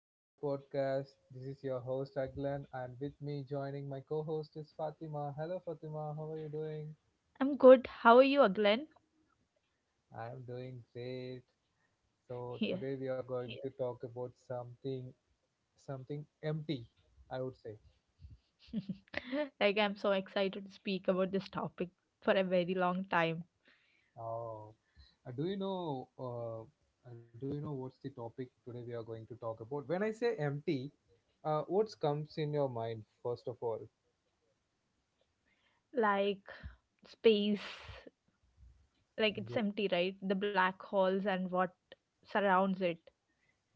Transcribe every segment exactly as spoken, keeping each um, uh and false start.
my podcast. This is your host Aglan and with me joining my co-host is Fatima. Hello Fatima, how are you doing? I'm good. How are you, Glenn? I am doing great. So Here. today we are going Yes. to talk about something something empty, I would say. like, I'm so excited to speak about this topic for a very long time. Oh, uh, do you know uh, uh, do you know what's the topic today we are going to talk about? When I say empty, uh, what comes in your mind first of all? Like, Space, like, it's empty, right? The black holes and what surrounds it.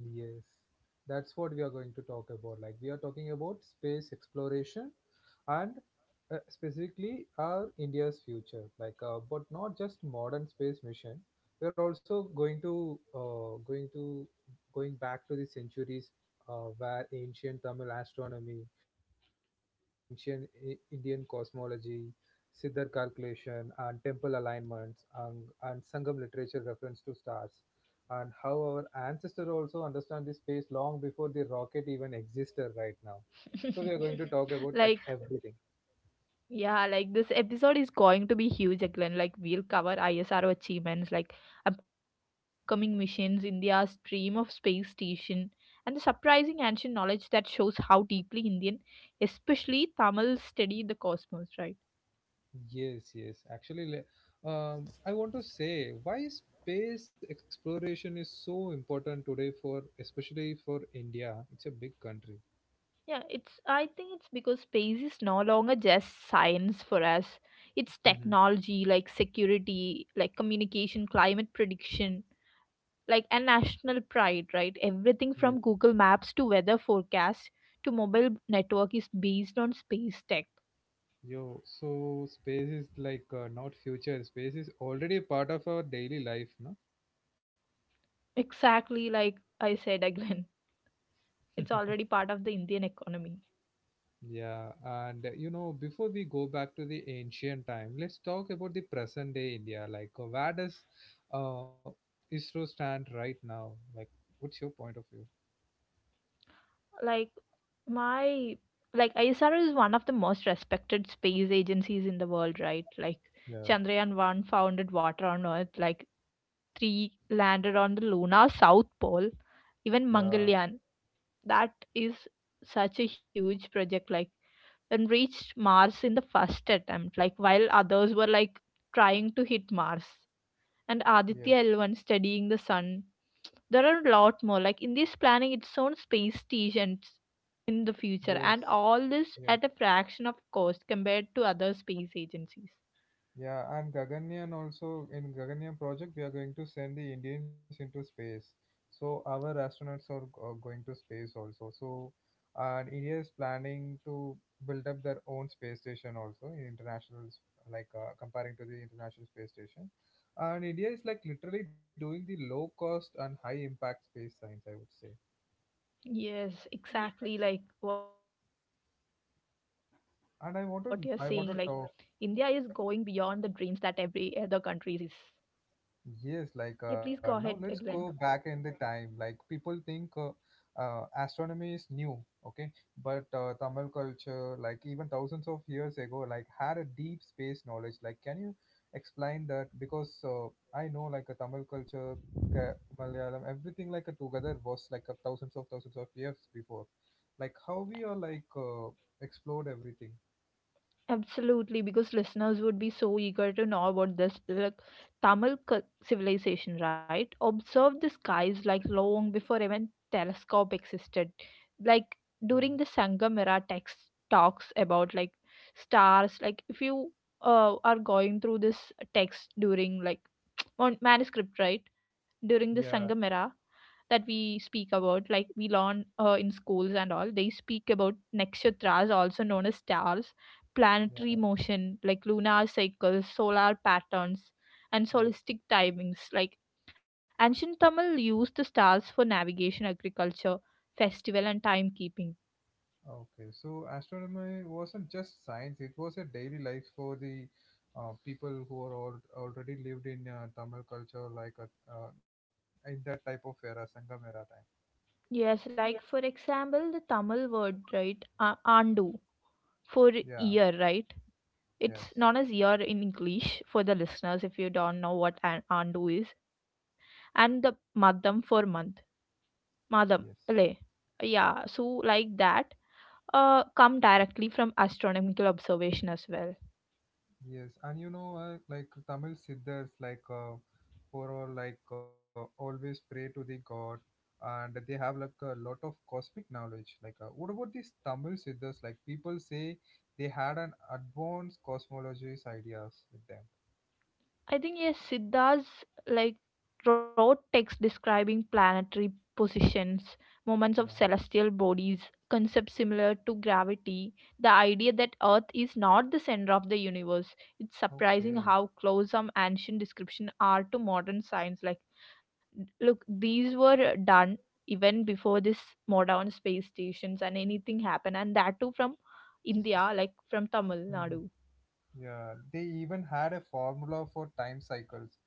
Yes, that's what we are going to talk about. Like, we are talking about space exploration and uh, specifically our India's future. Like, uh, but not just modern space mission. We're also going to uh, going to going back to the centuries uh, where ancient Tamil astronomy and ancient I- Indian cosmology, Siddhar calculation and temple alignments and, and Sangam literature reference to stars and how our ancestors also understand this space long before the rocket even existed right now. So we are going to talk about like like, everything. Yeah, like this episode is going to be huge, Eklan. Like we'll cover ISRO achievements, like upcoming missions, India's dream of space station, and the surprising ancient knowledge that shows how deeply Indian, especially Tamil, study the cosmos, right? Yes, yes. Actually, le- um, I want to say why space exploration is so important today for, especially for India. It's a big country. Yeah, it's I think it's because space is no longer just science for us. It's hmm technology like security, like communication, climate prediction, like a national pride, right? Everything Yeah. from Google Maps to weather forecast to mobile network is based on space tech. Yo, so space is like uh, not future. Space is already a part of our daily life, no? Exactly like I said again. It's already part of the Indian economy. Yeah, and uh, you know, before we go back to the ancient time, let's talk about the present day India. Like, uh, where does uh, ISRO stand right now? Like, what's your point of view? Like My like ISRO is one of the most respected space agencies in the world, right? Like Yeah, Chandrayaan one founded water on Earth, like three landed on the lunar south pole, even yeah, Mangalyaan. That is such a huge project, like, and reached Mars in the first attempt, like while others were like trying to hit Mars, and yeah. Aditya L one studying the sun. There are a lot more. Like in this planning its own space station in the future, Yes, and all this yeah, at a fraction of cost compared to other space agencies. yeah, and Gaganyaan also in Gaganyaan project we are going to send the Indians into space. So our astronauts are, g- are going to space also. So, and India is planning to build up their own space station also in international, s- like uh, comparing to the International Space Station. And India is like literally doing the low cost and high impact space science, I would say. Yes, exactly like what you're saying. Like India is going And I want beyond the to I dreams want to that talk. every other country is. Yeah, please Yes, go like ahead, uh, now Glenn. let's go back in the time. Like people think uh, uh, astronomy is new, okay? But uh, Tamil culture, like even thousands of years ago, like had a deep space knowledge. Like, can you explain that? Because uh, I know like a Tamil culture, Ke- Malayalam, everything like a together was like a thousands of thousands of years before. Like how we are like uh, explored everything. Absolutely, because listeners would be so eager to know about this, like Tamil cu- civilization, right? Observed the skies like long before even telescope existed. Like during Oh, the Sangam era, text talks about like stars. Like if you uh, are going through this text during like on manuscript, right? During the yeah, Sangam era that we speak about, like we learn uh, in schools and all, they speak about nakshatras, also known as stars, planetary yeah, motion, like lunar cycles, solar patterns, and yeah. solistic timings. Like ancient Tamil used the stars for navigation, agriculture, festival, and timekeeping. Okay, so astronomy wasn't just science, it was a daily life for the uh, people who are all already lived in uh, Tamil culture, like uh, uh, in that type of era, Sangam era time. Yes, like for example, the Tamil word, right? Uh, andu for Yeah, year, right? It's yes, known as year in English for the listeners if you don't know what an andu is, and the madam for month, yes, madam, le. Yeah, so like that, uh, come directly from astronomical observation as well. yes. And you know, uh, like Tamil Siddhas, like uh, who are like uh, always pray to the God, and they have like a lot of cosmic knowledge. Like, uh, what about these Tamil Siddhas? Like, people say they had an advanced cosmologies ideas with them. I think yes, Siddhas like wrote texts describing planetary positions, Yeah. moments of celestial bodies, concepts similar to gravity, the idea that Earth is not the center of the universe. It's surprising Okay. how close some ancient descriptions are to modern science. Like, look, these were done even before this modern space stations and anything happened, and that too from India, like from Tamil Hmm. Nadu. Yeah. They even had a formula for time cycles,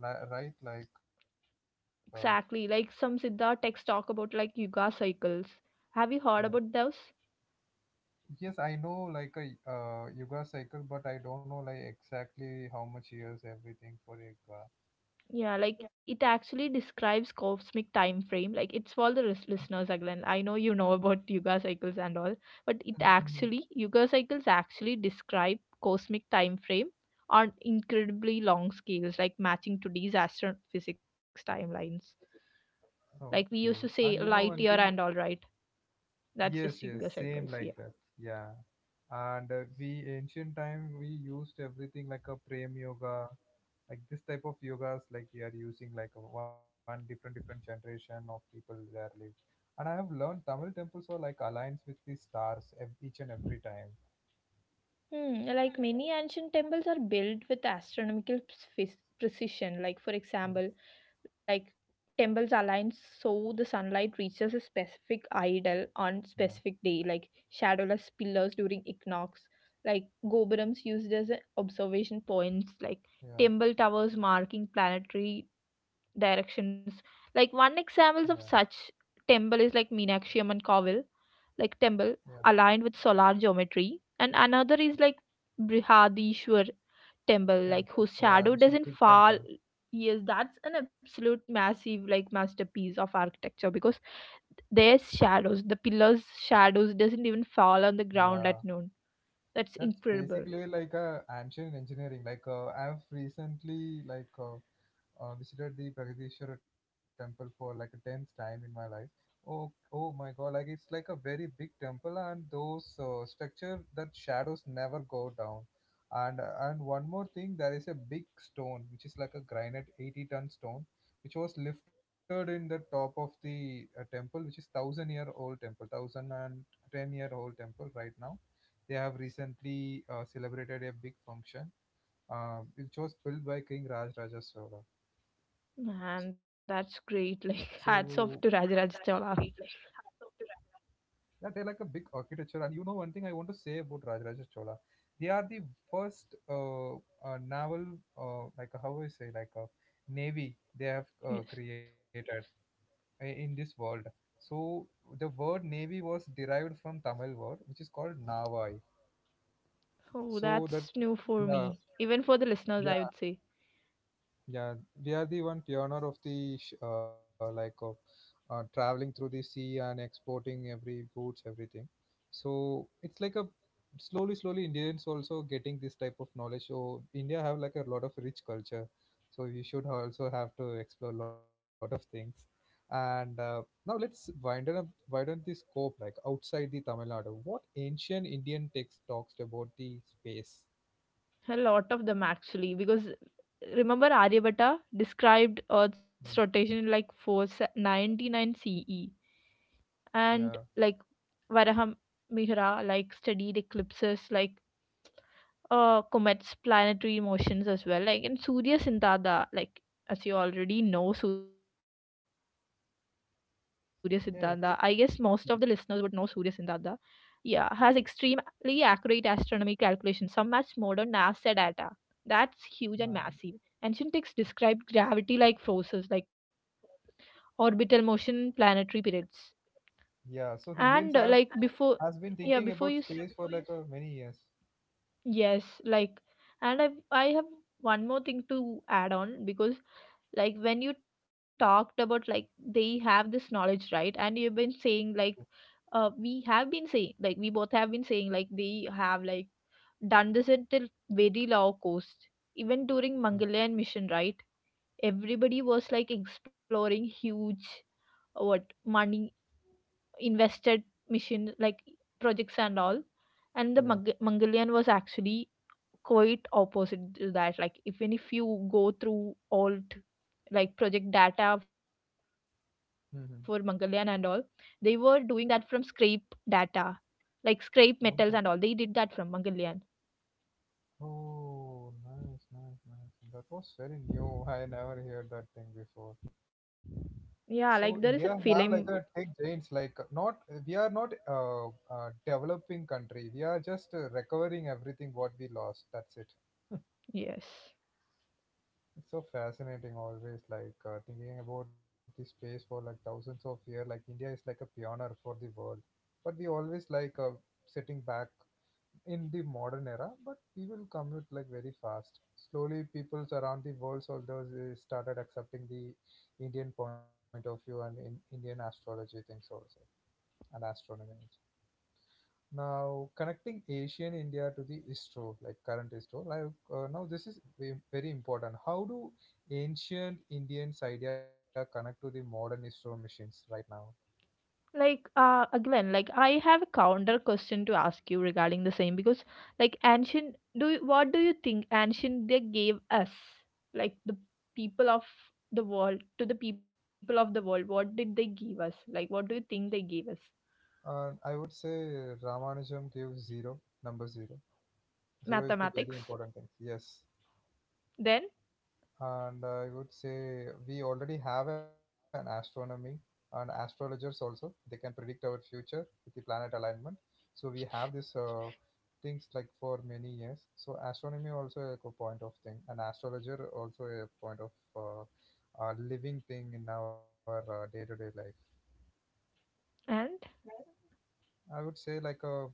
li- right? Like, uh, Exactly, like some Siddha texts talk about like yuga cycles. Have you yeah. heard about those? Yes, I know like a uh, Yuga cycle, but I don't know like exactly how much years everything for Yuga. Yeah, like it actually describes cosmic time frame. Like it's for the lis- listeners again. I know you know about yuga cycles and all, but it Mhm. actually, yuga cycles actually describe cosmic time frame on incredibly long scales, like matching today's astrophysics timelines. Like we Okay. used to And say you know one light year thing? and all right. That's Yes, just yes, yuga same cycles. like Yeah. that. Yeah. And uh, we ancient time we used everything like a prem yoga like this type of yogas like they are using like a one different different generation of people there live, and I have learned Tamil temples are like aligns with the stars ev- each and every time. Hmm, like many ancient temples are built with astronomical pre- precision. Like for Yes, example, like temples aligned so the sunlight reaches a specific idol on yeah, specific day, like shadowless pillars during equinox, like gopurams used as a observation points, like yeah, temple towers marking planetary directions. Like one yeah, examples of such temple is like Meenakshi Amman Kovel, like temple yeah. aligned with solar geometry, and another is like Brihadishwar temple, like Temple, whose yeah, shadow which is doesn't big fall. temple. Yes, that's an absolute massive like masterpiece of architecture because their shadows, the pillars' shadows doesn't even fall on the ground Yeah, at noon. That's that's incredible. basically like a ancient engineering like uh, I've recently like uh, uh, visited the Pragdishwara temple for like a tenth time in my life. Oh, oh my God! Like it's like a very big temple, and those uh, structure that shadows never go down. And and one more thing, there is a big stone which is like a granite eighty ton stone, which was lifted in the top of the uh, temple, which is thousand year old temple, thousand and ten year old temple right now. They have recently uh, celebrated a big function, uh, which was built by King Raj Raja Chola. Man, So that's great. Like hats off to Rajaraj Chola. yeah, they're like a big architecture. And you know, one thing I want to say about Rajaraja Chola, they are the first uh, uh, naval, uh, like how I say, like a navy they have uh, Yes. created i- in this world. So the word navy was derived from Tamil word, which is called navai. Oh, So that that's new for yeah, me. Even for the listeners, I Oh, would say. Yeah, they are the one pioneer of the sh- uh, like of uh, traveling through the sea and exporting every goods, everything. So it's like a slowly, slowly Indians also getting this type of knowledge. So India have like a lot of rich culture. So you should also have to explore a lot of things. And uh, now let's widen up, widen the scope like outside the Tamil Nadu. What ancient Indian text talks about the space? A lot of them actually, because remember Aryabhatta described Earth's Yeah, rotation in like four ninety-nine C E, and like Varaham Mihra like studied eclipses, like uh comets, planetary motions as well, like in Surya Siddhanta, like as you already know Surya Siddhanta, I guess most of the listeners would know Surya yeah, yes. Siddhanta, Yeah. yeah, has extremely accurate astronomy calculations, some match modern NASA data. That's huge and massive. Uh, Ancient texts described gravity like forces, like orbital motion, planetary periods, yeah, so and uh, Indians like have before has yeah been before thinking you s- about space for like uh, many years. yes like and I I have one more thing to add on, because like when you talked about like they have this knowledge right, and you've been saying like uh we have been saying, like we both have been saying like they have like done this until very low cost, even during Yeah. mongolian mission right? Everybody was like exploring huge, uh, what money invested mission like projects and all, and the Yeah. Mag- mongolian was actually quite opposite to that. Like even if you go through all t- like project data for mongolian and all, Mm-hmm. they were doing that from scrape data, like scrape metals and all, Oh, they did that from mongolian. oh, nice, nice, nice. That was very new. I never heard that thing before. So Yeah, India like there is have a like a tech film. giants. Like uh, not we are not uh, uh developing country. We are just uh, recovering everything what we lost. That's it. Yes, It's so fascinating always like uh, thinking about the space for like thousands of years like India is like a pioneer for the world, but we always like uh, sitting back in the modern era, but we will commute like very fast. Slowly peoples around the world, so those uh, started accepting the Indian point of view and in Indian astrology things also and astronomy. Now, connecting Asian India to the store, like current store, like uh, now this is ve- very important. How do ancient Indians idea connect to the modern store machines right now? like uh again, like I have a counter question to ask you regarding the same, because like ancient, do you, what do you think ancient they gave us, like the people of the world, to the people of the world, what did they give us? Like what do you think they gave us? And I would say Ramanujam gave zero, number zero. Zero is the very Mathematics, important thing. Yes, then, and I would say we already have an astronomy and astrologers also. They can predict our future with the planet alignment. So we have this uh, things like for many years. So astronomy also like a point of thing, and astrologer also a point of uh, a living thing in our uh, day-to-day life. and I would say like a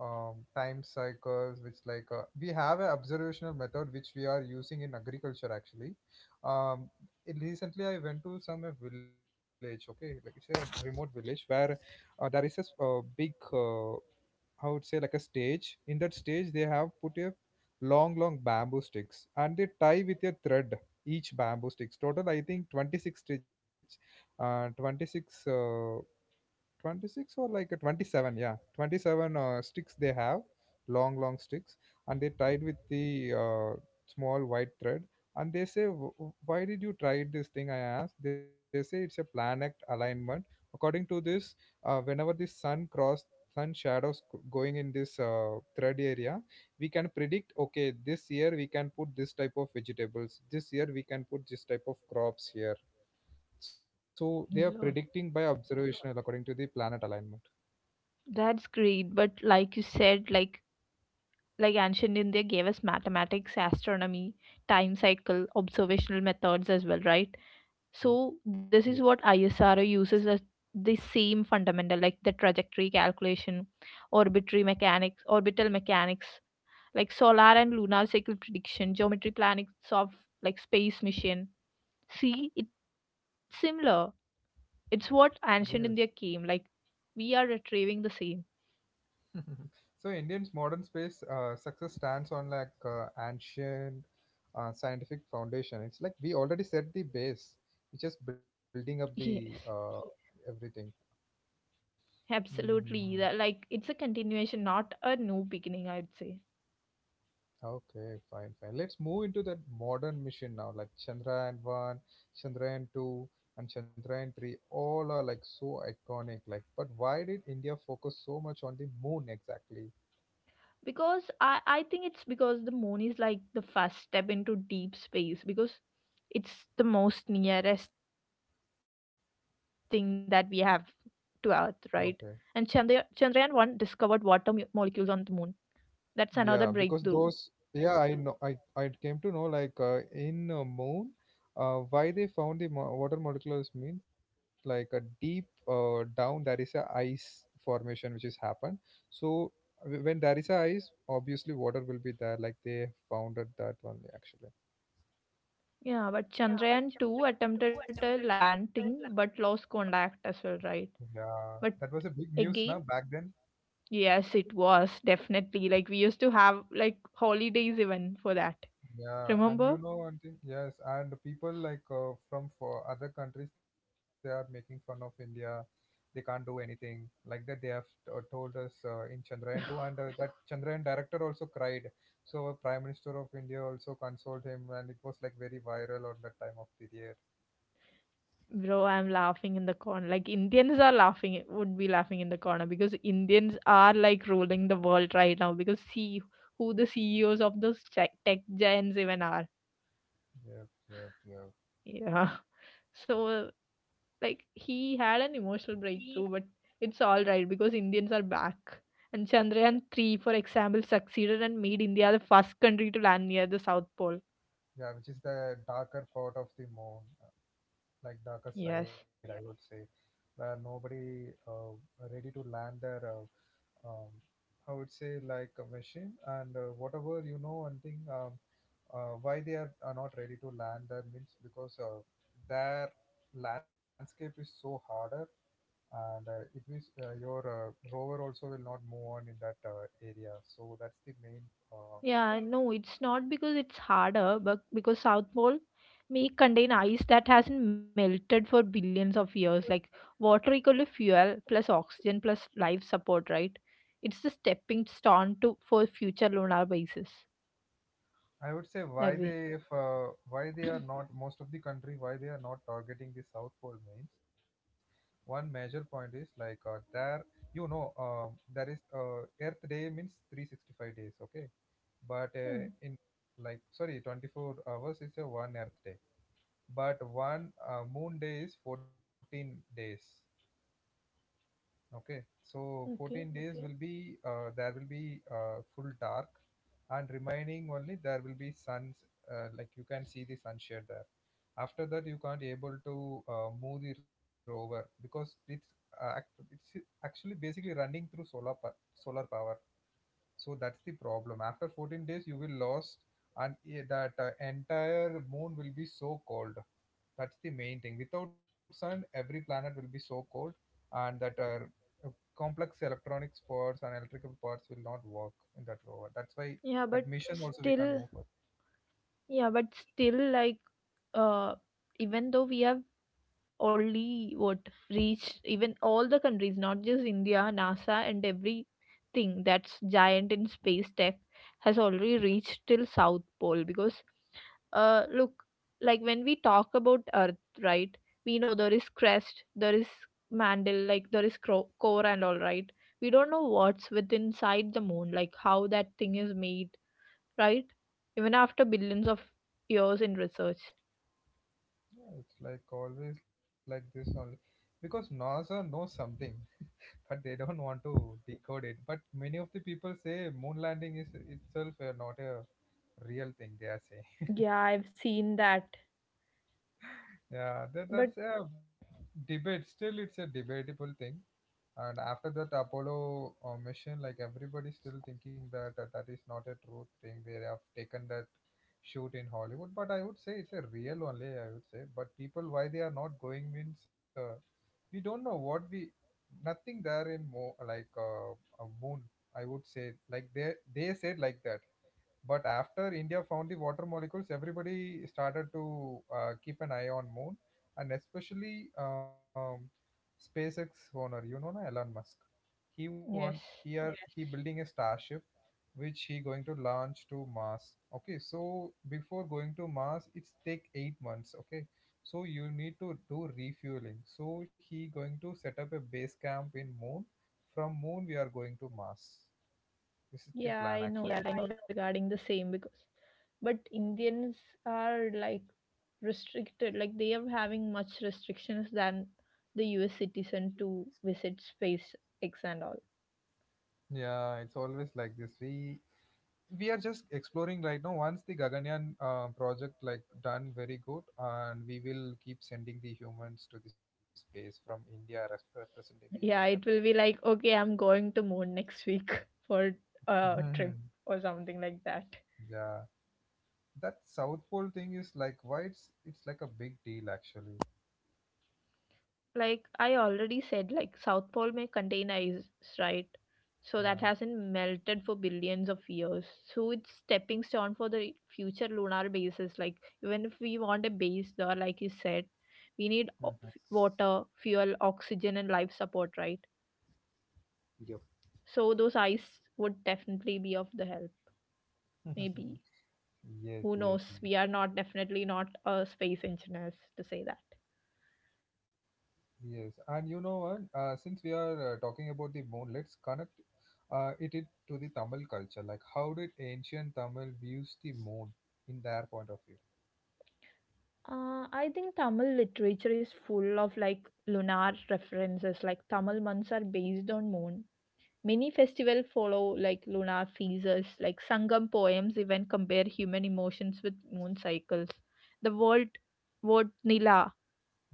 um, time cycles, which like uh, we have an observational method which we are using in agriculture actually. Um, it- Recently I went to some uh, village, okay, like it's a remote village where uh, there is a s- uh, big uh, I would say like a stage. In that stage, they have put a long, long bamboo sticks, and they tie with a thread each bamboo sticks. Total, I think twenty six stitch, uh, twenty six. Uh, twenty six or like a twenty seven, yeah, twenty seven uh, sticks they have, long long sticks, and they tied with the uh, small white thread. And they say, "Wh- wh- why did you try this thing?" I asked. They say, it's a planet alignment. According to this uh, whenever the sun cross, sun shadows c- going in this uh, thread area, we can predict, okay, this year we can put this type of vegetables, this year we can put this type of crops here. So they are law. predicting by observational according to the planet alignment. That's great, but like you said, like like ancient india gave us mathematics, astronomy, time cycle, observational methods as well, right? So this Yep. is what ISRO uses as the same fundamental, like the trajectory calculation, orbitary mechanics, orbital mechanics, like solar and lunar cycle prediction, geometry planning of like space mission. See, it's similar. It's what ancient India Yes. came like. We are retrieving the same. So Indian's modern space uh, success stands on like uh, ancient uh, scientific foundation. It's like we already set the base, which just building up Yes, the uh, everything. absolutely. Mhm. That like it's a continuation, not a new beginning. I'd say. Okay, fine, fine. Let's move into that modern mission now, like Chandrayaan one, Chandrayaan two, and Chandrayaan three. All are like so iconic. Like, but why did India focus so much on the moon exactly? Because I, I think it's because the moon is like the first step into deep space, because it's the most nearest thing that we have to earth right? And Chandra, chandrayaan Okay. one discovered water mu- molecules on the moon. That's another Yeah, breakthrough. because those, yeah, I know, I I came to know like uh, in uh, moon, uh, why they found the mo water molecules mean like a deep uh, down there is a ice formation which has happened. So w- when there is a ice, obviously water will be there. Like they found out that only actually. Yeah, but chandrayaan two attempted a landing but lost contact as well, right? Yeah, But that was a big news again, now back then. yes, it was definitely, like we used to have like holidays even for that. Yeah, and you Remember? know one thing, yes, and the people like uh, from for other countries they are making fun of India, they can't do anything like that they have uh, told us uh, in Chandrayaan two and uh, that Chandrayaan director also cried, so our prime minister of India also consoled him and it was like very viral on that time of period. Bro, I'm laughing in the corner. Like Indians are laughing, would be laughing in the corner, because Indians are like ruling the world right now. Because see who the C E Os of those chi- tech giants even are. Yep, yep, yep. Yeah. So like he had an emotional breakthrough, but it's all right because Indians are back. And Chandrayaan three, for example, succeeded and made India the first country to land near the South Pole. Yeah, which is the darker part of the moon, uh, like darker Yes. side I would say, where nobody uh, ready to land their, uh, um, I would say, like a machine. And uh, whatever, you know one thing, um, uh, why they are, are not ready to land there means because uh, their landscape is so harder. And uh, it means uh, your uh, rover also will not move on in that uh, area. So that's the main uh, Yeah, no, it's not because it's harder, but because South Pole may contain ice that hasn't melted for billions of years, like water equal to fuel plus oxygen plus life support, right? It's the stepping stone to for future lunar bases I would say why that they way. if uh, why they are not, most of the country, why they are not targeting the South Pole means one major point is like, uh, there, you know um, there is uh, earth day means three hundred sixty-five days, okay, but Hmm, uh, in, like sorry, twenty-four hours is a one earth day, but one uh, moon day is fourteen days, okay. So fourteen okay. days will be uh, there will be uh, full dark, and remaining only there will be suns, uh, like you can see the sunshade there. After that you can't able to uh, move the rover because it's uh, act- it's actually basically running through solar pa- solar power. So that's the problem, after fourteen days you will lost, and i- that uh, entire moon will be so cold. That's the main thing, without sun every planet will be so cold. And that uh, uh, complex electronic parts and electrical parts will not work in that rover, that's why Yeah, but that mission also we can't still, move forward. yeah, but still, like, uh, even though we have only what reached, even all the countries, not just India, NASA, and everything that's giant in space tech has already reached till South Pole. Because uh, look, like when we talk about Earth, right, we know there is crust, there is mantle, like there is cro- core and all, right? We don't know what's with inside the moon, like how that thing is made, right? Even after billions of years in research. Yeah, it's like always like this only, because NASA knows something but they don't want to decode it. But many of the people say moon landing is itself uh, not a real thing, they are saying. Yeah, I've seen that. Yeah, that, But that's a debate. Still, it's a debatable thing. And after that Apollo uh, mission, like everybody's still thinking that uh, that is not a true thing. They have taken that shoot in Hollywood, but I would say it's a real only. I would say, but people why they are not going means uh, we don't know what we, nothing there in more like uh, a moon. I would say like they they said like that, but after India found the water molecules, everybody started to uh, keep an eye on moon. And especially um, SpaceX owner, you know, na, Elon Musk. He want yes. here. Yes, he building a starship, which he going to launch to Mars. Okay, so before going to Mars, it's take eight months. Okay, so you need to do refueling. So he going to set up a base camp in moon. From moon, we are going to Mars. This is the Yeah, plan. Yeah, I actually. know that. I know Yeah. regarding the same, because, but Indians are like restricted, like they are having much restrictions than the U S citizen to visit space X and all. Yeah, it's always like this. We we are just exploring right now. Once the Gaganyaan uh, project like done very good, and we will keep sending the humans to the space from India, res- representing the Indian country. Yeah, it will be like, okay, I'm going to moon next week for a trip Mhm. or something like that. Yeah, that South Pole thing is like why it's it's like a big deal actually. Like I already said, like South Pole may contain ice, right? So that Yeah. hasn't melted for billions of years. So it's stepping stone for the future lunar bases. Like even if we want a base there, like you said, we need o- Mhm. f- water, fuel, oxygen, and life support, right? Yep. So those ice would definitely be of the help. Maybe, yes, who yes, knows? yes. We are not definitely not uh, space engineers to say that. Yes, and you know what? Uh, since we are uh, talking about the moon, let's connect uh, it, it to the Tamil culture. Like, how did ancient Tamil views the moon in their point of view? Uh, I think Tamil literature is full of like lunar references, like Tamil months are based on moon. Many festivals follow like lunar phases, like Sangam poems even compare human emotions with moon cycles. The word word nila,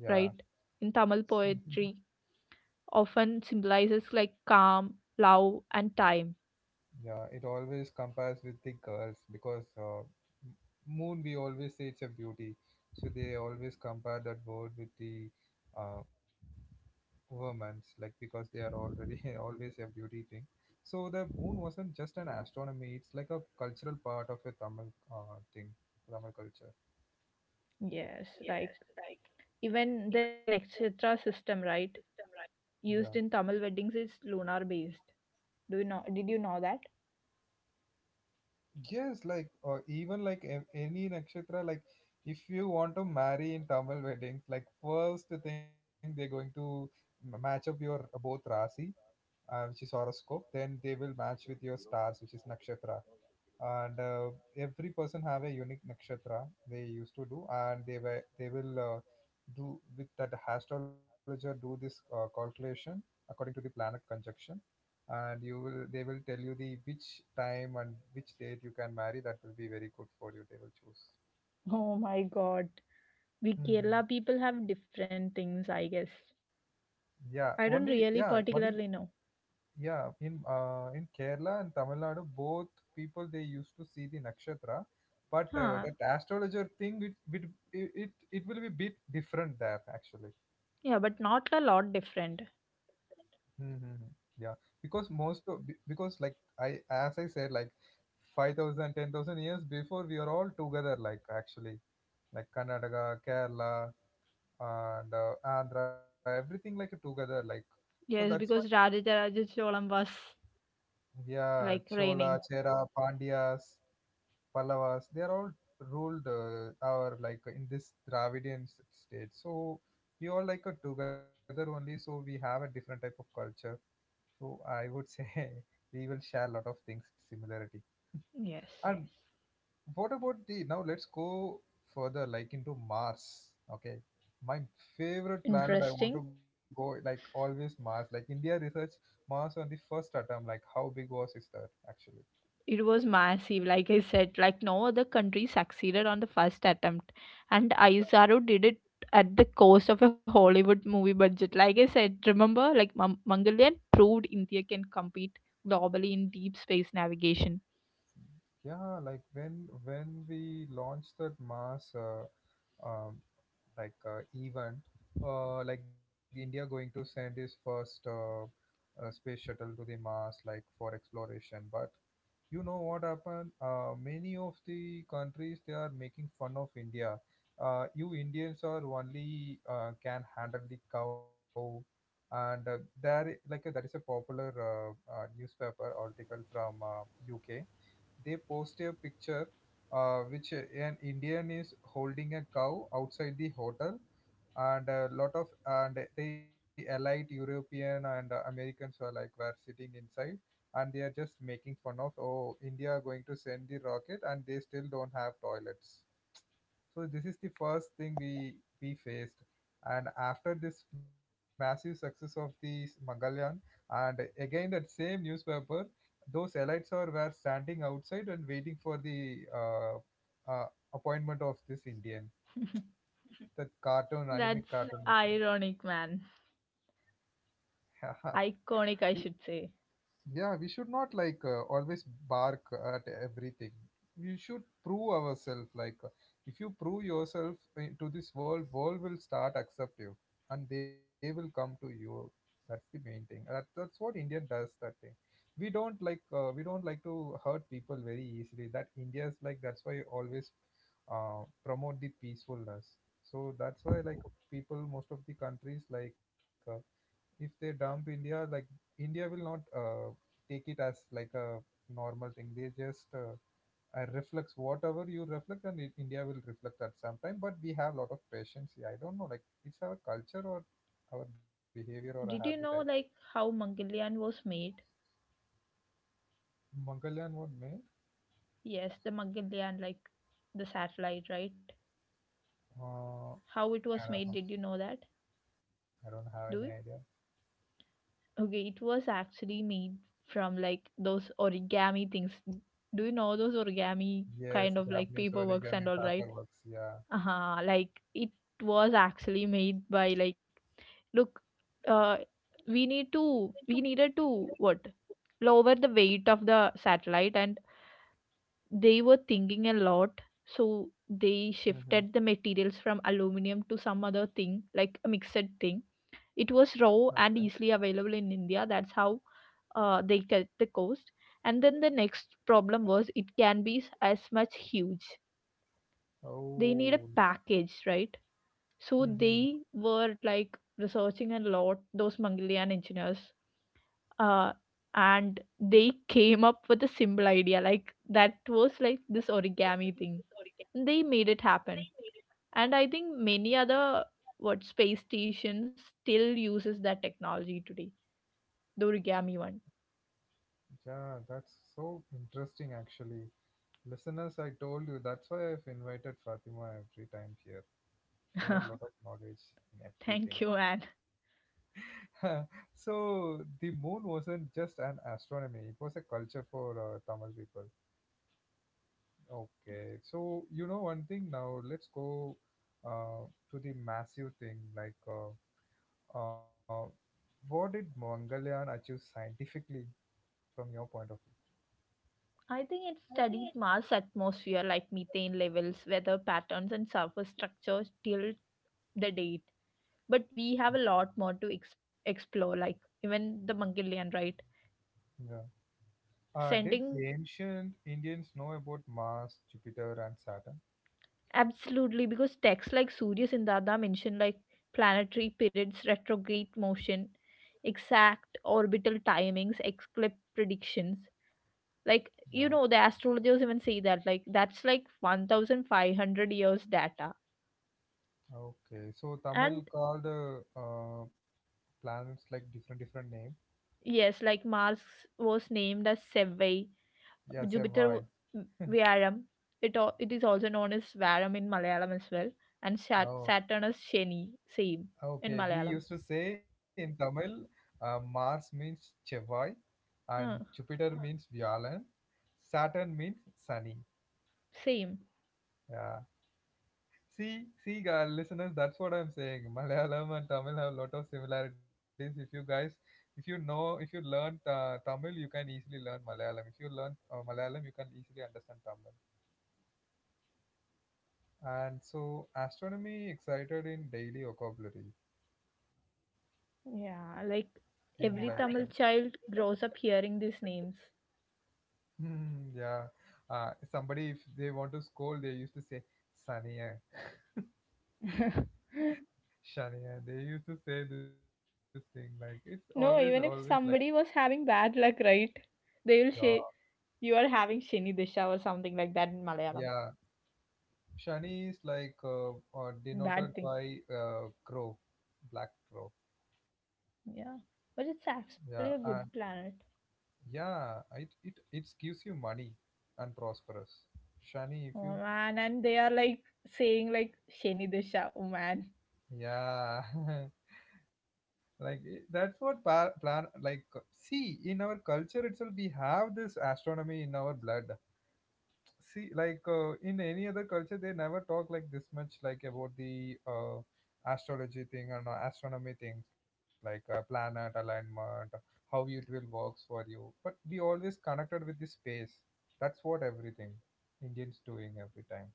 Yeah. right, in Tamil poetry often symbolizes like calm, love and time. yeah, it always compares with the girls because uh, m- moon we always say it's a beauty, so they always compare that word with the uh, women's, like, because they are already always a beauty thing. So the moon wasn't just an astronomy, it's like a cultural part of a Tamil uh, thing, Tamil culture. Yes, like even the nakshatra system, right, Yeah. used in Tamil weddings is lunar based. Do you know did you know that? Yes, like, or even like a- any nakshatra, like if you want to marry in Tamil weddings, like first thing they're going to m- match up your uh, both rasi, uh, which is horoscope, then they will match with your stars, which is nakshatra. And uh, every person have a unique nakshatra they used to do, and they were they will uh, do with that astrologer, do this uh, calculation according to the planet conjunction. And you will they will tell you the which time and which date you can marry, that will be very good for you, they will choose. Oh my god. We Hmm. Kerala people have different things, I guess. Yeah only, I don't yeah really only. particularly know. Yeah, in uh, in Kerala and Tamil Nadu, both people they used to see the nakshatra, but uh, Huh. that astrologer thing, it it it it it will be bit different there actually. Yeah, but not a lot different. Mm-hmm. Yeah, because most of, be- because like, I as I said like, five thousand ten thousand years before we are all together like, actually like Karnataka, Kerala, and uh, Andhra, everything like together like, so that's why. Yes, because Rajarajacholam was Yeah, like Chola, raining. Chera, Pandyas. Pallavas, they are all ruled uh, our like in this Dravidian s- state. So we all like are together only. So we have a different type of culture. So I would say we will share a lot of things similarity. Yes. And what about the now? Let's go further, like into Mars. Okay, my favorite planet. I Interesting. want to go, like always, Mars. Like, India research Mars on the first atom. Like, how big was is that actually? It was massive, like I said. Like no other country succeeded on the first attempt. And Aizaru did it at the cost of a Hollywood movie budget. Like I said, remember, like Mam- Mangalyaan proved India can compete globally in deep space navigation. Yeah, like when when we launched that mass uh, um, like uh, event, uh, like the India going to send its first uh, uh, space shuttle to the Mars, like for exploration. But you know what happened? Uh, many of the countries they are making fun of India. Uh, you Indians are only uh, can handle the cow. And uh, there i- like uh, there is a popular uh, uh, newspaper article from uh, U K, they post a picture, uh, which uh, an Indian is holding a cow outside the hotel, and a lot of, and the elite European and uh, Americans were like were sitting inside, and they are just making fun of, oh India are going to send the rocket and they still don't have toilets. So this is the first thing we we faced. And after this massive success of the Mangalyaan, and again that same newspaper, those elites are were standing outside and waiting for the uh, uh, appointment of this Indian, the cartoon, That's anime cartoon, which ironic, man. is- we, Iconic, I should say. yeah, we should not like uh, always bark at everything. We should prove ourselves. Like, uh, if you prove yourself uh, to this world, world will start accept you, and they will come to you. That's the main thing. That, that's what Indian does. That thing. We don't like uh, we don't like to hurt people very easily. That India's like that's why always uh, promote the peacefulness. So that's why like people most of the countries like. Uh, if they dump India, like India will not uh, take it as like a normal thing. They just uh, uh, reflects whatever you reflect, and it, India will reflect at some time. But we have a lot of patience here. I don't know, like it's our culture, or our behavior, or a habit. Did I, you know, like, how Mangalyaan was made? Mongolian what made? Yes, the Mangalyaan, like, the satellite, right? Uh, How it was I made, don't know. did you know that? I don't have any Do idea. you? Okay, it was actually made from, like, those origami things. Do you know those origami Yes, kind of, like, Japanese paperworks and origami all, right? paperworks. Yeah. uh like it was actually made by like look uh we need to we needed to what lower the weight of the satellite, and they were thinking a lot, so they Mm-hmm. shifted the materials from aluminum to some other thing, like a mixed thing. It was raw Okay. and easily available in India. That's how uh, they cut the cost. And then the next problem was it can be s- as much huge, they need a Oh. package, right? So Mm-hmm. they were like researching a lot, those Mongolian engineers, uh, and they came up with a simple idea. Like that was like this origami thing. They made it happen. And I think many other what space stations still uses that technology today. The origami one. Yeah, that's so interesting actually. Listeners, I told you that's why I've invited Fatima every time here. She has a lot of knowledge in Thank you, Anne. everything. so the moon wasn't just an astronomy; it was a culture for uh, Tamil people. Okay, so you know one thing now. Let's go uh, to the massive thing. Like, uh, uh, what did Mangalyaan achieve scientifically from your point of view? I think it studied Mars atmosphere like methane levels, weather patterns and surface structures till the date, but we have a lot more to ex- explore, like even the monkey land, right? Yeah. Uh, did Sending ancient Indians know about Mars, Jupiter, and Saturn? absolutely, because texts like surya sindada mention like planetary periods, retrograde motion, exact orbital timings, eclipse predictions. Like, you Yeah. know, the astrologers even say that like that's like one thousand five hundred years data. Okay, so Tamil And called uh, uh, planets like different different name. yes, like Mars was named as sevei, Yeah, Jupiter Seவ்வாய். v- Varam. It, al- it is also known as Varam in Malayalam as well. And Sat- Oh, Saturn is Shani, same in okay. We Malayalam. used to say in Tamil, uh, Mars means Chevai, and Uh, Jupiter means Vyalan, Saturn means Sunny. same. Yeah. See, see, guys, listeners, that's what I'm saying. Malayalam and Tamil have a lot of similarities. If you guys, if you know, if you learn uh, Tamil, you can easily learn Malayalam. If you learn uh, Malayalam, you can easily understand Tamil. And so astronomy excited in daily vocabulary Yeah, like in, yeah, like every like Tamil child grows up hearing these names. um, hmm, yeah, uh, somebody if they want to scold they used to say sania, shania, they used to say this thing, like it's always No, always even like, if somebody was having bad luck, right? They will yeah, say you are having Shani Disha or something like that in Malayalam. yeah, shani is like uh, uh, denoted Bad thing. by uh, crow, black crow. Yeah. But Yeah. it's And actually a good planet. yeah, it it it gives you money and prosperous, shani, if Oh you, man, and they are like saying like Sheni Disha. Oh man, yeah. like i- that's what pa- plan like, uh, see, in our culture itself we have this astronomy in our blood. See, like uh, in any other culture they never talk like this much like about the uh, astrology thing and uh, astronomy things, like uh, planet alignment, how it will works for you. But we always connected with the space. That's what everything Indians doing every time.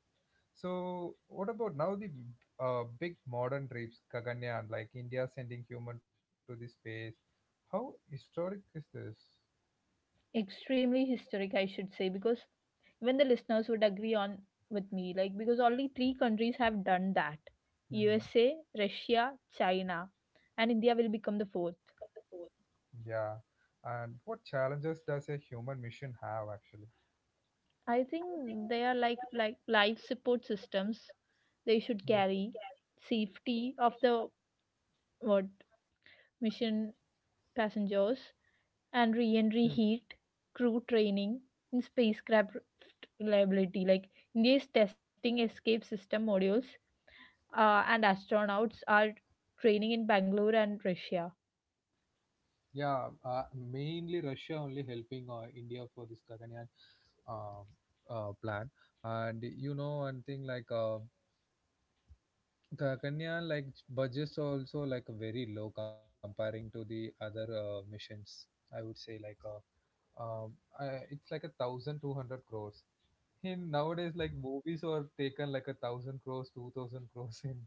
So, what about now, the uh, big modern trips, Gaganyaan, like India sending human to the space? How historic is this? extremely historic, I should say, because even the listeners would agree on with me, like because only three countries have done that: Mhm. U S A, Russia, China, and India will become the fourth. Yeah, and what challenges does a human mission have actually? I think they are like like life support systems. They should Hmm. carry safety of the what mission passengers and Hmm. re-entry heat, crew training, and spacecraft reliability. Like India's testing escape system modules, uh, and astronauts are training in Bangalore and Russia. Yeah, uh, mainly Russia only helping uh, India for this Gaganyaan um, uh, plan. And you know one thing like uh, the Kanya like budgets are also like very low comparing to the other uh, missions. I would say like uh, um, I, it's like a thousand two hundred crores. In nowadays, like movies are taken like a thousand crores, two thousand crores in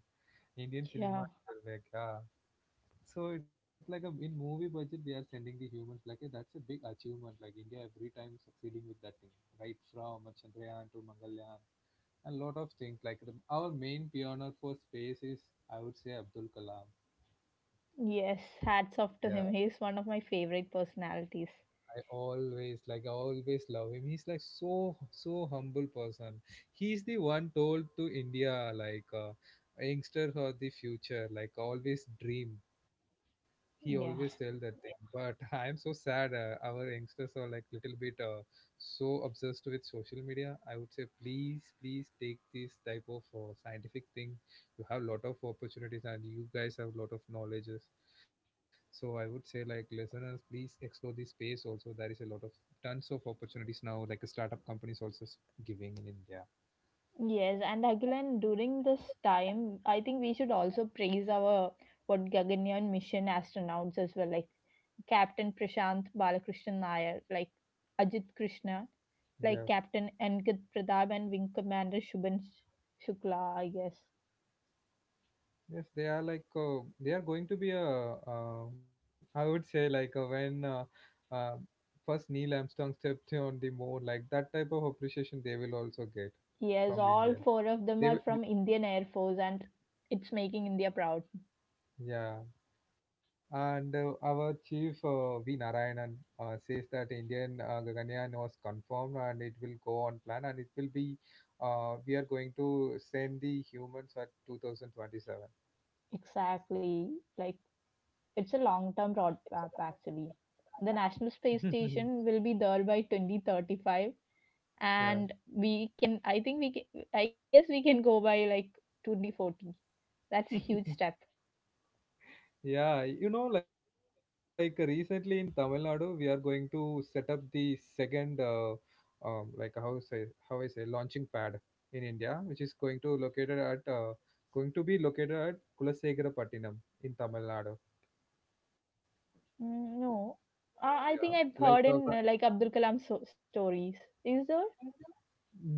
Indian Yeah. cinema. Like, yeah, so it's like a in movie budget they are sending the humans like a, that's a big achievement like India every time succeeding with that thing right from Chandrayaan to Mangalyaan and lot of things like the, our main pioneer for space is I would say Abdul Kalam. Yes. Yeah, Hats off to him. He's one of my favorite personalities. I always like I always love him. He's like so so humble person. He's the one told to India like uh, youngsters or the future like always dream. He always tell Yeah. that thing, but I am so sad, uh, our youngsters are like little bit uh, so obsessed with social media. I would say please, please take this type of uh, scientific thing. You have lot of opportunities and you guys have lot of knowledges, so I would say like listeners please explore this space also. There is a lot of tons of opportunities now like startup companies also s- giving in India. Yes, and again during this time, I think we should also praise our what Gaganyaan mission astronauts as well, like Captain Prashant Balakrishnan Nair, like Ajit Krishna, like Yeah. Captain Ankit Pradab and Wing Commander Shubhan Sh- Shukla, I guess. Yes, they are like uh, they are going to be a uh, I would say like uh, when uh, uh, first Neil Armstrong stepped on the moon, like that type of appreciation they will also get Yes, from all four India. of them are They from will, Indian Air Force, and it's making India proud. yeah, and uh, our chief uh, V Narayanan uh, says that Indian uh, Gaganyaan was confirmed and it will go on plan, and it will be uh, we are going to send the humans at twenty twenty-seven. Exactly, like it's a long-term roadmap actually. The National Space Station will be there by twenty thirty-five, Yeah. and we can I think we can I guess we can go by like two thousand forty. That's huge step. Yeah, you know, like uh, recently in Tamil Nadu, we are going to set up the second, uh, um, like how say how I say launching pad in India, which is going to located at uh, going to be located at Kulasegara Patinam in Tamil Nadu. Mm, no, Yeah, uh, I think like I've uh, heard in uh, like Abdul Kalam so- stories, is there?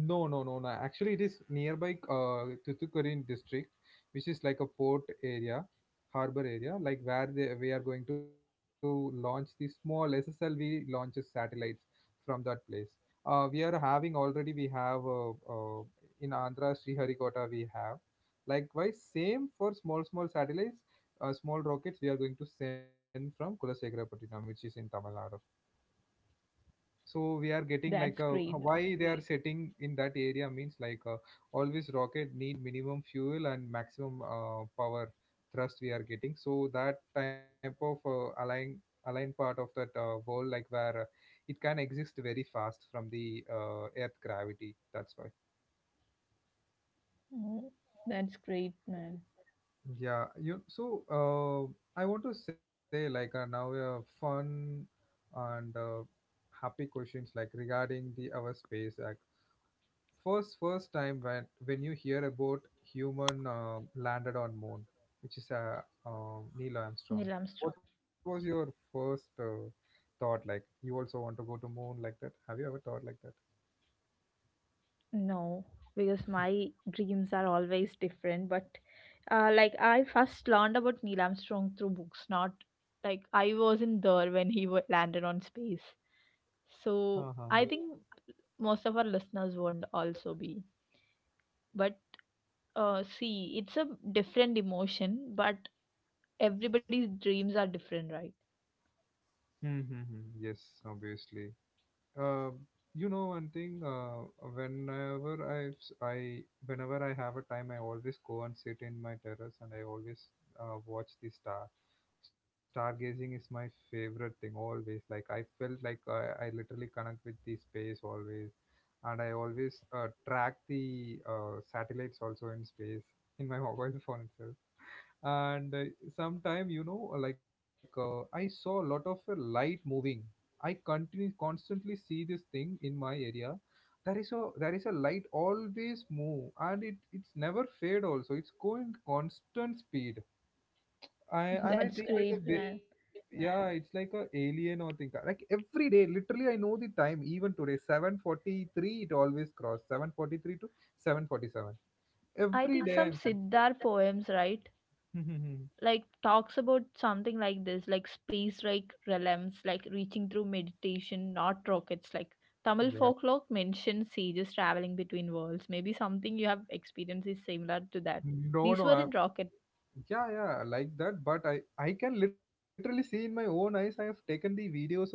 no, no, no, no. Actually, it is nearby uh, Thoothukudi district, which is like a port area, harbor area, like where they, we are going to launch the small S S L V launches satellites from that place. Uh, we are having already, we have uh, uh, in Andhra, Sriharikota, we have. Likewise, same for small, small satellites, uh, small rockets we are going to send from Kulasekharapattinam, which is in Tamil Nadu, so That's we are great. getting like a why they are setting in that area means like uh, always rocket need minimum fuel and maximum uh, power thrust we are getting, so that type of uh, align align part of that uh, world, like where uh, it can exist very fast from the uh, earth gravity, that's why. Mm, that's great, man. Yeah, you, so uh, I want to say like uh, now a fun and uh, happy questions like regarding the our space uh, first first time when when you hear about human uh, landed on moon, which is uh, um, Neil Neil Armstrong. Armstrong. What was your first uh, thought? Like you also want to go to moon, like that, have you ever thought like that? No, because my dreams are always different. But uh, like I first learned about Neil Armstrong through books, not like I wasn't there when he wa- landed on space. So Uh-huh. I think most of our listeners won't also be. But uh, see, it's a different emotion, but everybody's dreams are different, right? Mm-hmm. Yes, obviously. uh, you know one thing, uh, whenever I, s- I whenever I have a time I always go and sit in my terrace, and I always uh, watch the star. Stargazing is my favorite thing always. Like I felt like I, I literally connect with the space always, and I always uh, track the uh, satellites also in space in my mobile phone itself. And uh, sometime you know like uh, I saw a lot of uh, light moving. I continue constantly see this thing in my area. There is a there is a light always move, and it it's never fade also. It's going constant speed. I And I That's think like a, great, that's day, man. really, yeah, sad. It's like a alien or thing. Like every day, literally, I know the time. Even today, seven forty three, it always cross seven forty three to seven forty seven. I forty think seven. some I'm that's seeing. Siddhar poems, right? Like talks about something like this, like space like realms, like reaching through meditation, not rockets. Like Tamil Yeah. folklore mentions sages traveling between worlds. Maybe something you have experienced is similar to that. No, These no, were in I'm rocket. yeah, yeah, like that, but i i can literally see in my own eyes. I have taken the videos also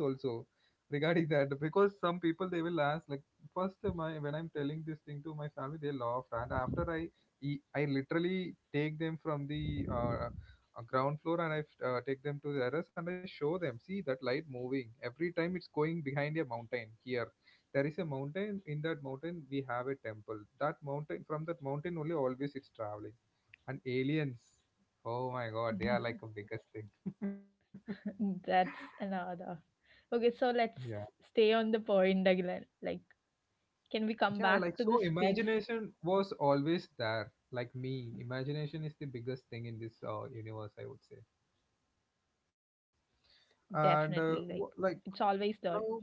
regarding that because some people they will ask like first uh, my when I'm telling this thing to my family, they laughed, and after i e- i literally take them from the uh, uh, ground floor, and I uh, take them to the terrace, and I show them see that light moving every time. It's going behind a mountain here. There is a mountain. In that mountain we have a temple. That mountain, from that mountain only, always it's traveling, and aliens, oh my God, they are like a biggest thing. That's another. Okay, so let's Yeah. stay on the point again. Like, can we come Yeah, back like to so this piece? imagination was always there. Like me, imagination is the biggest thing in this uh, universe, I would say. Definitely. Like, it's always And there. uh, wh- like now,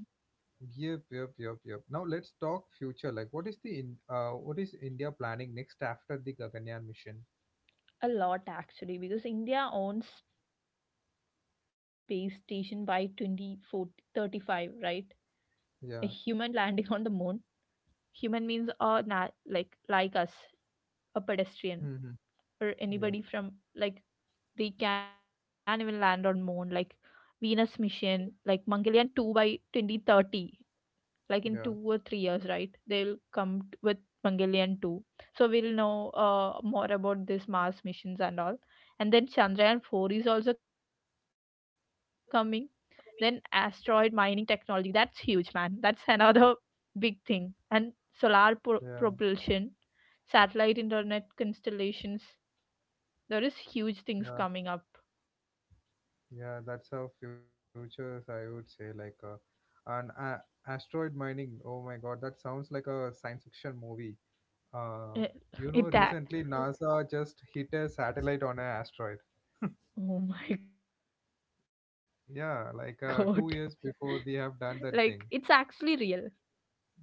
yep, yep, yep, yep. Now let's talk future. Like, what is the in, uh, what is India planning next after the Gaganyaan mission? A lot, actually, because India owns space station by twenty thirty-five, right? A human landing Yeah. on the moon. Human means a na- like like us, a pedestrian, Hmm. or Yeah. anybody from like they can even land on moon. Like Venus mission, like Mangalyaan two by twenty thirty, like in two Yeah. or three years, right? They'll come t- with Mongolian two. So we'll know uh, more about this Mars missions and all. And then Chandrayaan four is also coming. Then asteroid mining technology. That's huge, man. That's another big thing. And solar pro- Yeah. propulsion, satellite internet constellations. There is huge things Yeah. coming up. Yeah, that's how futures, I would say, like uh, an a- asteroid mining. Oh my God, that sounds like a science fiction movie. Uh, Eh, you know, Uh, it that. recently NASA just hit a satellite on an asteroid. Oh my god. Yeah, like uh, Like two it's years actually before we real. have done that thing.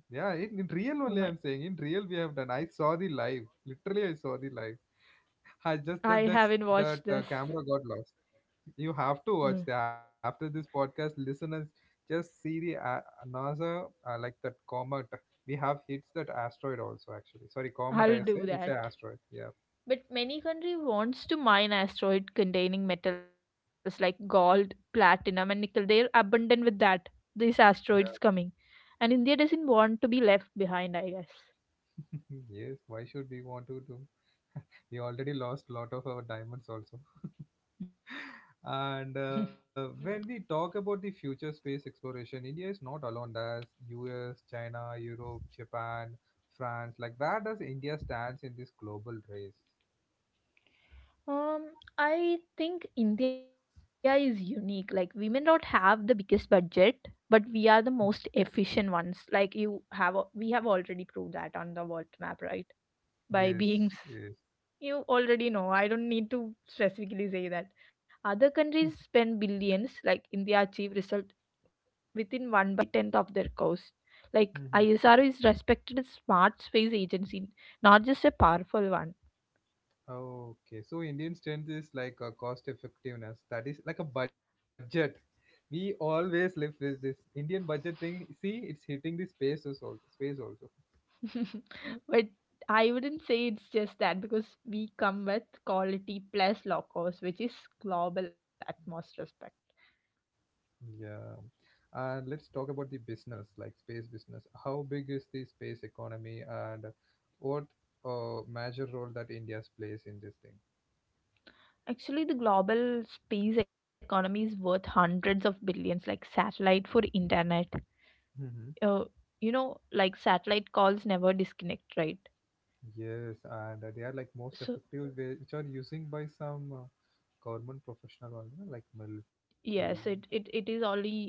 Yeah, Oh in, my. in real only I'm saying. In real we have done. I saw the live. Literally, I saw the live. I just I that that's, haven't watched that uh, this. camera got lost. You have to Mm, watch that. After this podcast, listeners, just see the uh, NASA, uh, like that comet. We have hits that asteroid also, actually. Sorry, comet, I'll I say. do It's an that. asteroid. Yeah. But many country wants to mine asteroid containing metals like gold, platinum and nickel. They're abundant with that. These asteroids Yeah. coming. And India doesn't want to be left behind, I guess. Yes, why should we want to do? We already lost a lot of our diamonds also. And uh, when we talk about the future space exploration, India is not alone. There's U S, China, Europe, Japan, France. Like, where does India stands in this global race? um I think India is unique. Like women don't have the biggest budget, but we are the most efficient ones. Like you have we have already proved that on the world map, right? By Yes, being yes. you already know. I don't need to specifically say that. Other countries spend billions, like India achieve result within one by tenth of their cost. Like ISRO is respected as smart space agency, not just a powerful one. Okay, so Indian strength is like a cost effectiveness. That is like a budget. We always live with this Indian budget thing. See, it's hitting the spaces also. Space also. But I wouldn't say it's just that, because we come with quality plus low cost, which is global at most respect. Yeah. And let's talk about the business, like space business. How big is the space economy, and what uh, major role that India plays in this thing? Actually, the global space economy is worth hundreds of billions, like satellite for internet, Hmm. uh, you know, like satellite calls never disconnect, right? Yes, and uh, they are like most So effective, way- which are using by some uh, government professional, also, like yes, military. it it, it is only uh, what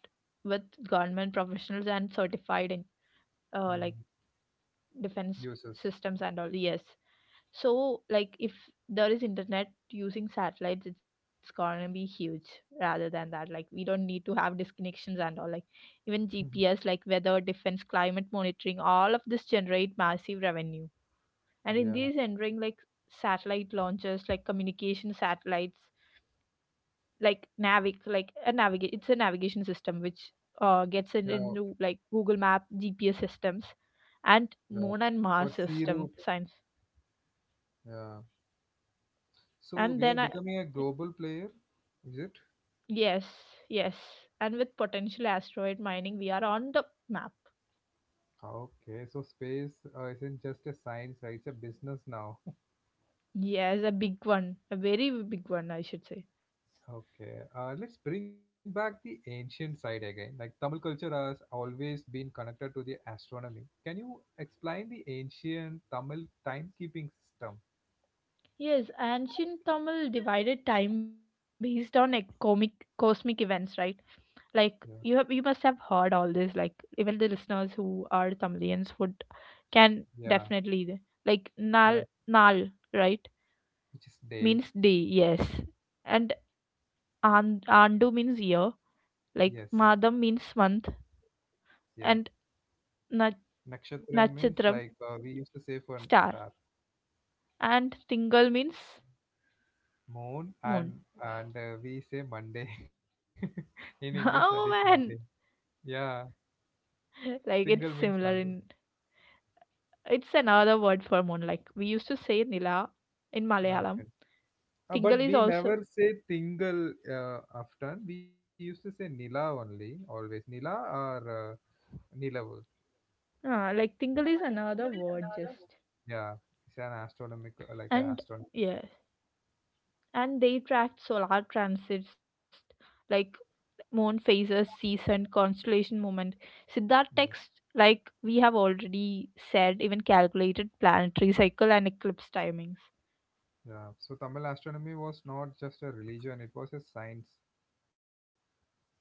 with government professionals and certified in uh, like defense Uses. systems and all. Yes, so like if there is internet using satellites, it's gonna be huge. Rather than that, like we don't need to have disconnections and all. Like even Mhm. GPS, like weather, defense, climate monitoring, all of this generate massive revenue. And in Yeah, these entering like satellite launchers, like communication satellites, like navic, like a navigate, it's a navigation system which uh, gets in, yeah, into like Google Map GPS systems, and yeah. moon and Mars For C system route. science. Yeah. So and we are then i becoming a global player, is it? Yes. Yes, and with potential asteroid mining, we are on the map. Okay. So space uh, isn't just a science, uh, it's a business now. Yes, a big one, a very big one, I should say. Okay. Uh, let's bring back the ancient side again. Like Tamil culture has always been connected to the astronomy. Can you explain the ancient Tamil timekeeping system? Yes, ancient Tamil divided time based on e- comic cosmic events, right? Like Yeah. you have you must have heard all this, like even the listeners who are Tamilians would can Yeah. definitely, like nal Yeah. nal, right? Which is day. Means day. Yes. And and andu means year, like Yes. madam means month, Yeah. and na- Nakshatra means nachatram, like uh, we used to say for star. star, And tingal means moon, moon. and and uh, we say Monday. In English, Oh that is man, Monday. Yeah, like it's Tingal means similar in Monday. it's another word for moon. Like we used to say nila in Malayalam. Okay. Uh, tingal but is we also. never say Tingal uh, often. We used to say Nila only, always. Nila or uh, Nilavu. Ah, like tingle is another word just. Yeah, it's an astronomical, like an And astronomy. yes, and they tracked solar transits like moon phases, season, constellation movement. Siddharth Yeah. text, like we have already said, even calculated planetary cycle and eclipse timings. Yeah. So Tamil astronomy was not just a religion; it was a science Exactly.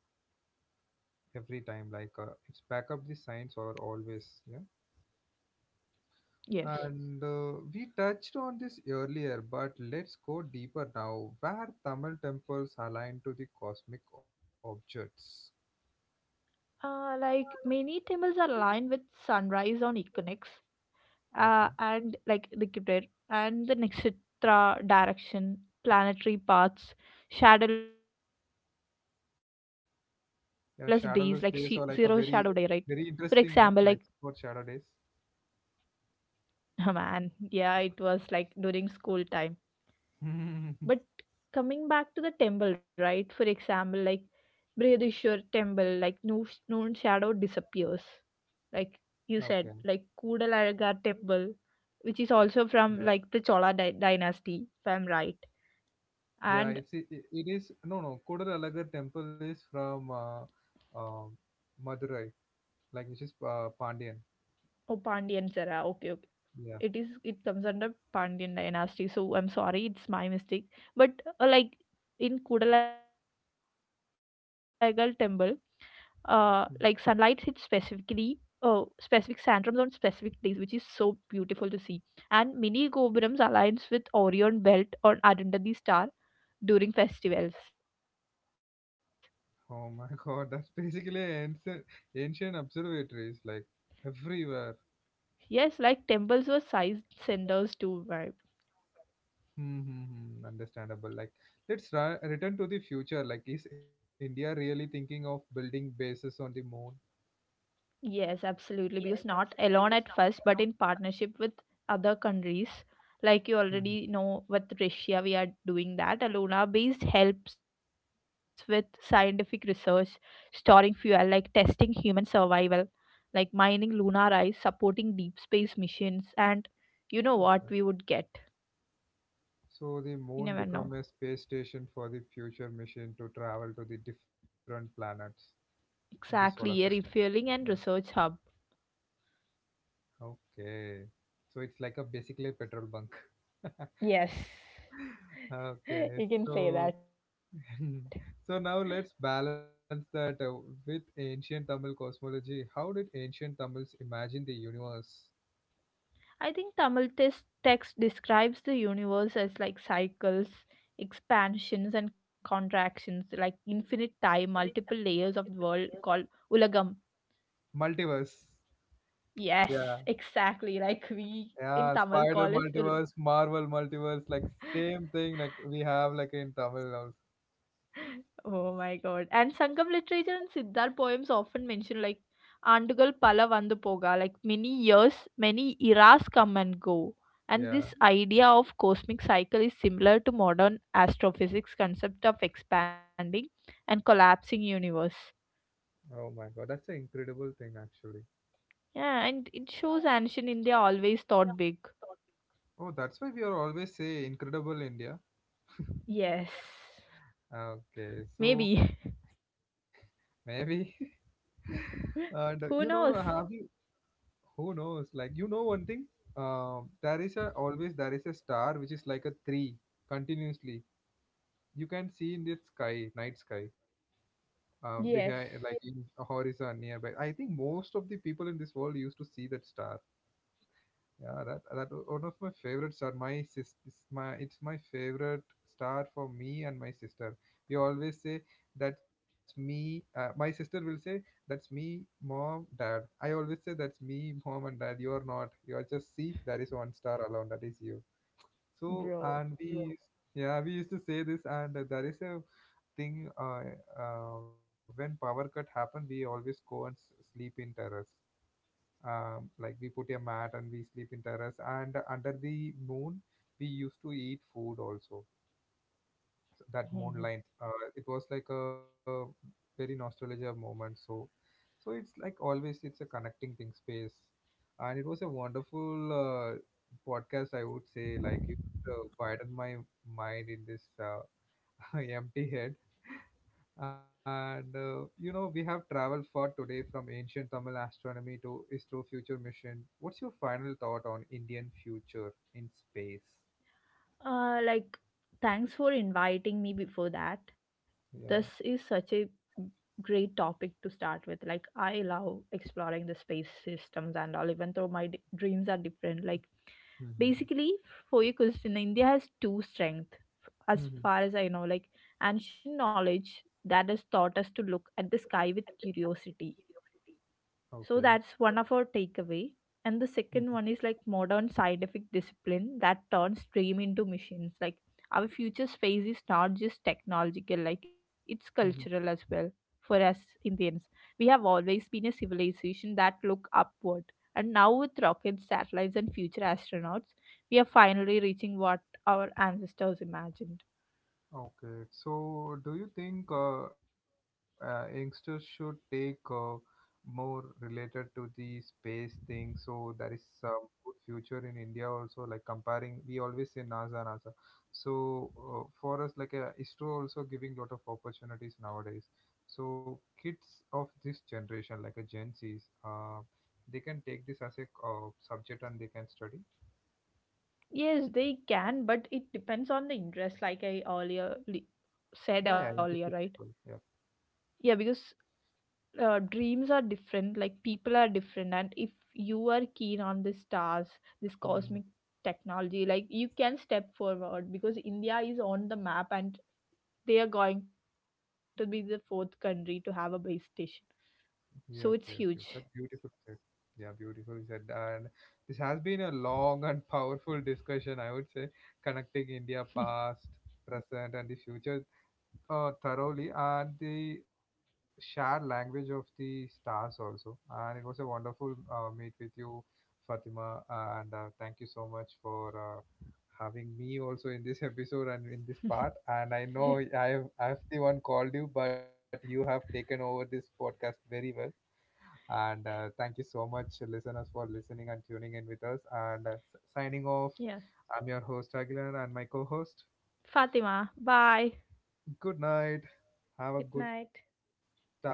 every time. Like uh, it's back up the science or always. Yeah. Yes. And uh, we touched on this earlier, but let's go deeper now. Where Tamil temples align to the cosmic objects. Uh, like many temples are aligned with sunrise on equinox, Okay. uh, and like the Jupiter and the Nixitra direction, planetary paths, shadowless days like she- zero shadow day, right? Yeah, For shadowless example, days are like like a very, very interesting, no? Like for shadow days. oh man, yeah, it was like during school time. But coming back to the temple, right? For example, like Brihadishwar temple, like no noon shadow disappears, like you Okay. said, like Kudalaragar temple, which is also Yeah. from like the Chola dy- dynasty, if I'm right. Yeah. And It's it, it it is no, no. Kodalalagar temple is from uh, uh, Madurai, like which is uh, Pandian. oh, Pandians era. Okay, okay. Yeah. It is. It comes under Pandian dynasty. So I'm sorry, it's my mistake. But uh, like in Kudalaigal temple, uh, like sunlight hits Hmm. specifically, uh, specific sandrams on specific days, which is so beautiful to see. And many gopurams aligns with Orion belt or Arundhati star during festivals. Oh my God, that's basically ancient, ancient observatories, like everywhere. Yes, like temples were sized centers too. Hmm, hmm, hmm, understandable. Like, let's ri- return to the future. Like, is India really thinking of building bases on the moon? Yes, absolutely. Because not alone at first, but in partnership with other countries. Like you Hmm, hmm. already know, with Russia, we are doing that. Aluna based helps with scientific research, storing fuel, like testing human survival, like mining lunar ice, supporting deep space missions, and you know what Okay. we would get. So the You moon never know. become a space station for the future mission to travel to the different planets in the solar system. Exactly, a refueling Yeah. and research hub. Okay. So it's like a basically a petrol bunk. Yes, Okay. you can say So that. so now let's balance that uh, with ancient Tamil cosmology. How did ancient Tamils imagine the universe? I think Tamil tes- text describes the universe as like cycles, expansions, and contractions, like infinite time, multiple layers of the world called ulagam. Multiverse. Yes, Yeah, exactly. Like we in yeah, Tamil spider call is multiverse, ul- Marvel multiverse, like same thing like we have like in Tamil also. oh my god. And Sangam literature and Siddhar poems often mention like Andugal Pala Vandu Poga, like many years, many eras come and go. And Yeah. this idea of cosmic cycle is similar to modern astrophysics concept of expanding and collapsing universe. Oh my God, that's an incredible thing actually. Yeah, and it shows ancient India always thought big. Oh, that's why we are always say incredible India. Yes. Maybe. Okay, so maybe. And uh, Who you knows? know, have you who knows? Like you know one thing, um, there is a always there is a star which is like a three continuously. You can see in the sky, night sky, um, Yes, behind like in a horizon nearby. I think most of the people in this world used to see that star. Yeah, that that was one of my favorite star. My sis, is my it's my favorite star for me and my sister. We always say that's me. Uh, my sister will say that's me, mom, dad. I always say that's me, mom and dad. You are not. You are just see. There is one star alone. That is you. So bro. and we, yeah, used- yeah, we used to say this, and there is a thing uh, uh when power cut happened we always go and s- sleep in terrace. um, like we put a mat and we sleep in terrace, and under the moon we used to eat food also. So that moonlight uh, it was like a very nostalgia moment. So so it's like always it's a connecting thing space, and it was a wonderful uh, podcast. I would say like you uh, widened my mind in this uh, empty head. And uh, you know, we have traveled far today from ancient Tamil astronomy to astro-future mission. What's your final thought on Indian future in space? Uh, like, thanks for inviting me before that. This Yeah. is such a great topic to start with. Like, I love exploring the space systems and all, even though my d- dreams are different. Like, Mhm. basically, for your question, India has two strengths, as Hmm. far as I know. Like, ancient knowledge that has taught us to look at the sky with curiosity. Okay. So that's one of our takeaway. And the second one is like modern scientific discipline that turns dream into machines. Like our future space is not just technological, like it's cultural as Mhm. well. For us Indians, we have always been a civilization that look upward. And now with rockets, satellites, and future astronauts, we are finally reaching what our ancestors imagined. Okay, so do you think uh, uh, youngsters should take uh, more related to the space thing? So there is some good future in India also, like comparing, we always say NASA, NASA. So uh, for us, like uh, ISRO also giving lot of opportunities nowadays. So kids of this generation, like a Gen Zs, uh, they can take this as a uh, subject and they can study. Yes, they can, but it depends on the interest, like I earlier li- said Yeah, earlier, yeah, right? interested people. Yeah. Yeah, because uh, dreams are different, like people are different, and if you are keen on the stars, this cosmic Mm-hmm. technology, like you can step forward, because India is on the map, and they are going to be the fourth country to have a base station. So it's Yeah, okay, huge. okay. That's beautiful said. Yeah, beautiful said. And this has been a long and powerful discussion, I would say, connecting India past, present, and the future uh, thoroughly, and the shared language of the stars also. And it was a wonderful uh, meet with you, Fatima. And uh, thank you so much for uh, having me also in this episode and in this part. And I know I've I've the one called you, but you have taken over this podcast very well. And uh, thank you so much, listeners, for listening and tuning in with us. And uh, s- signing off, Yeah. I'm your host, Aguilar, and my co host. Fatima, bye. Good night. Good Have a good night. start, dreams.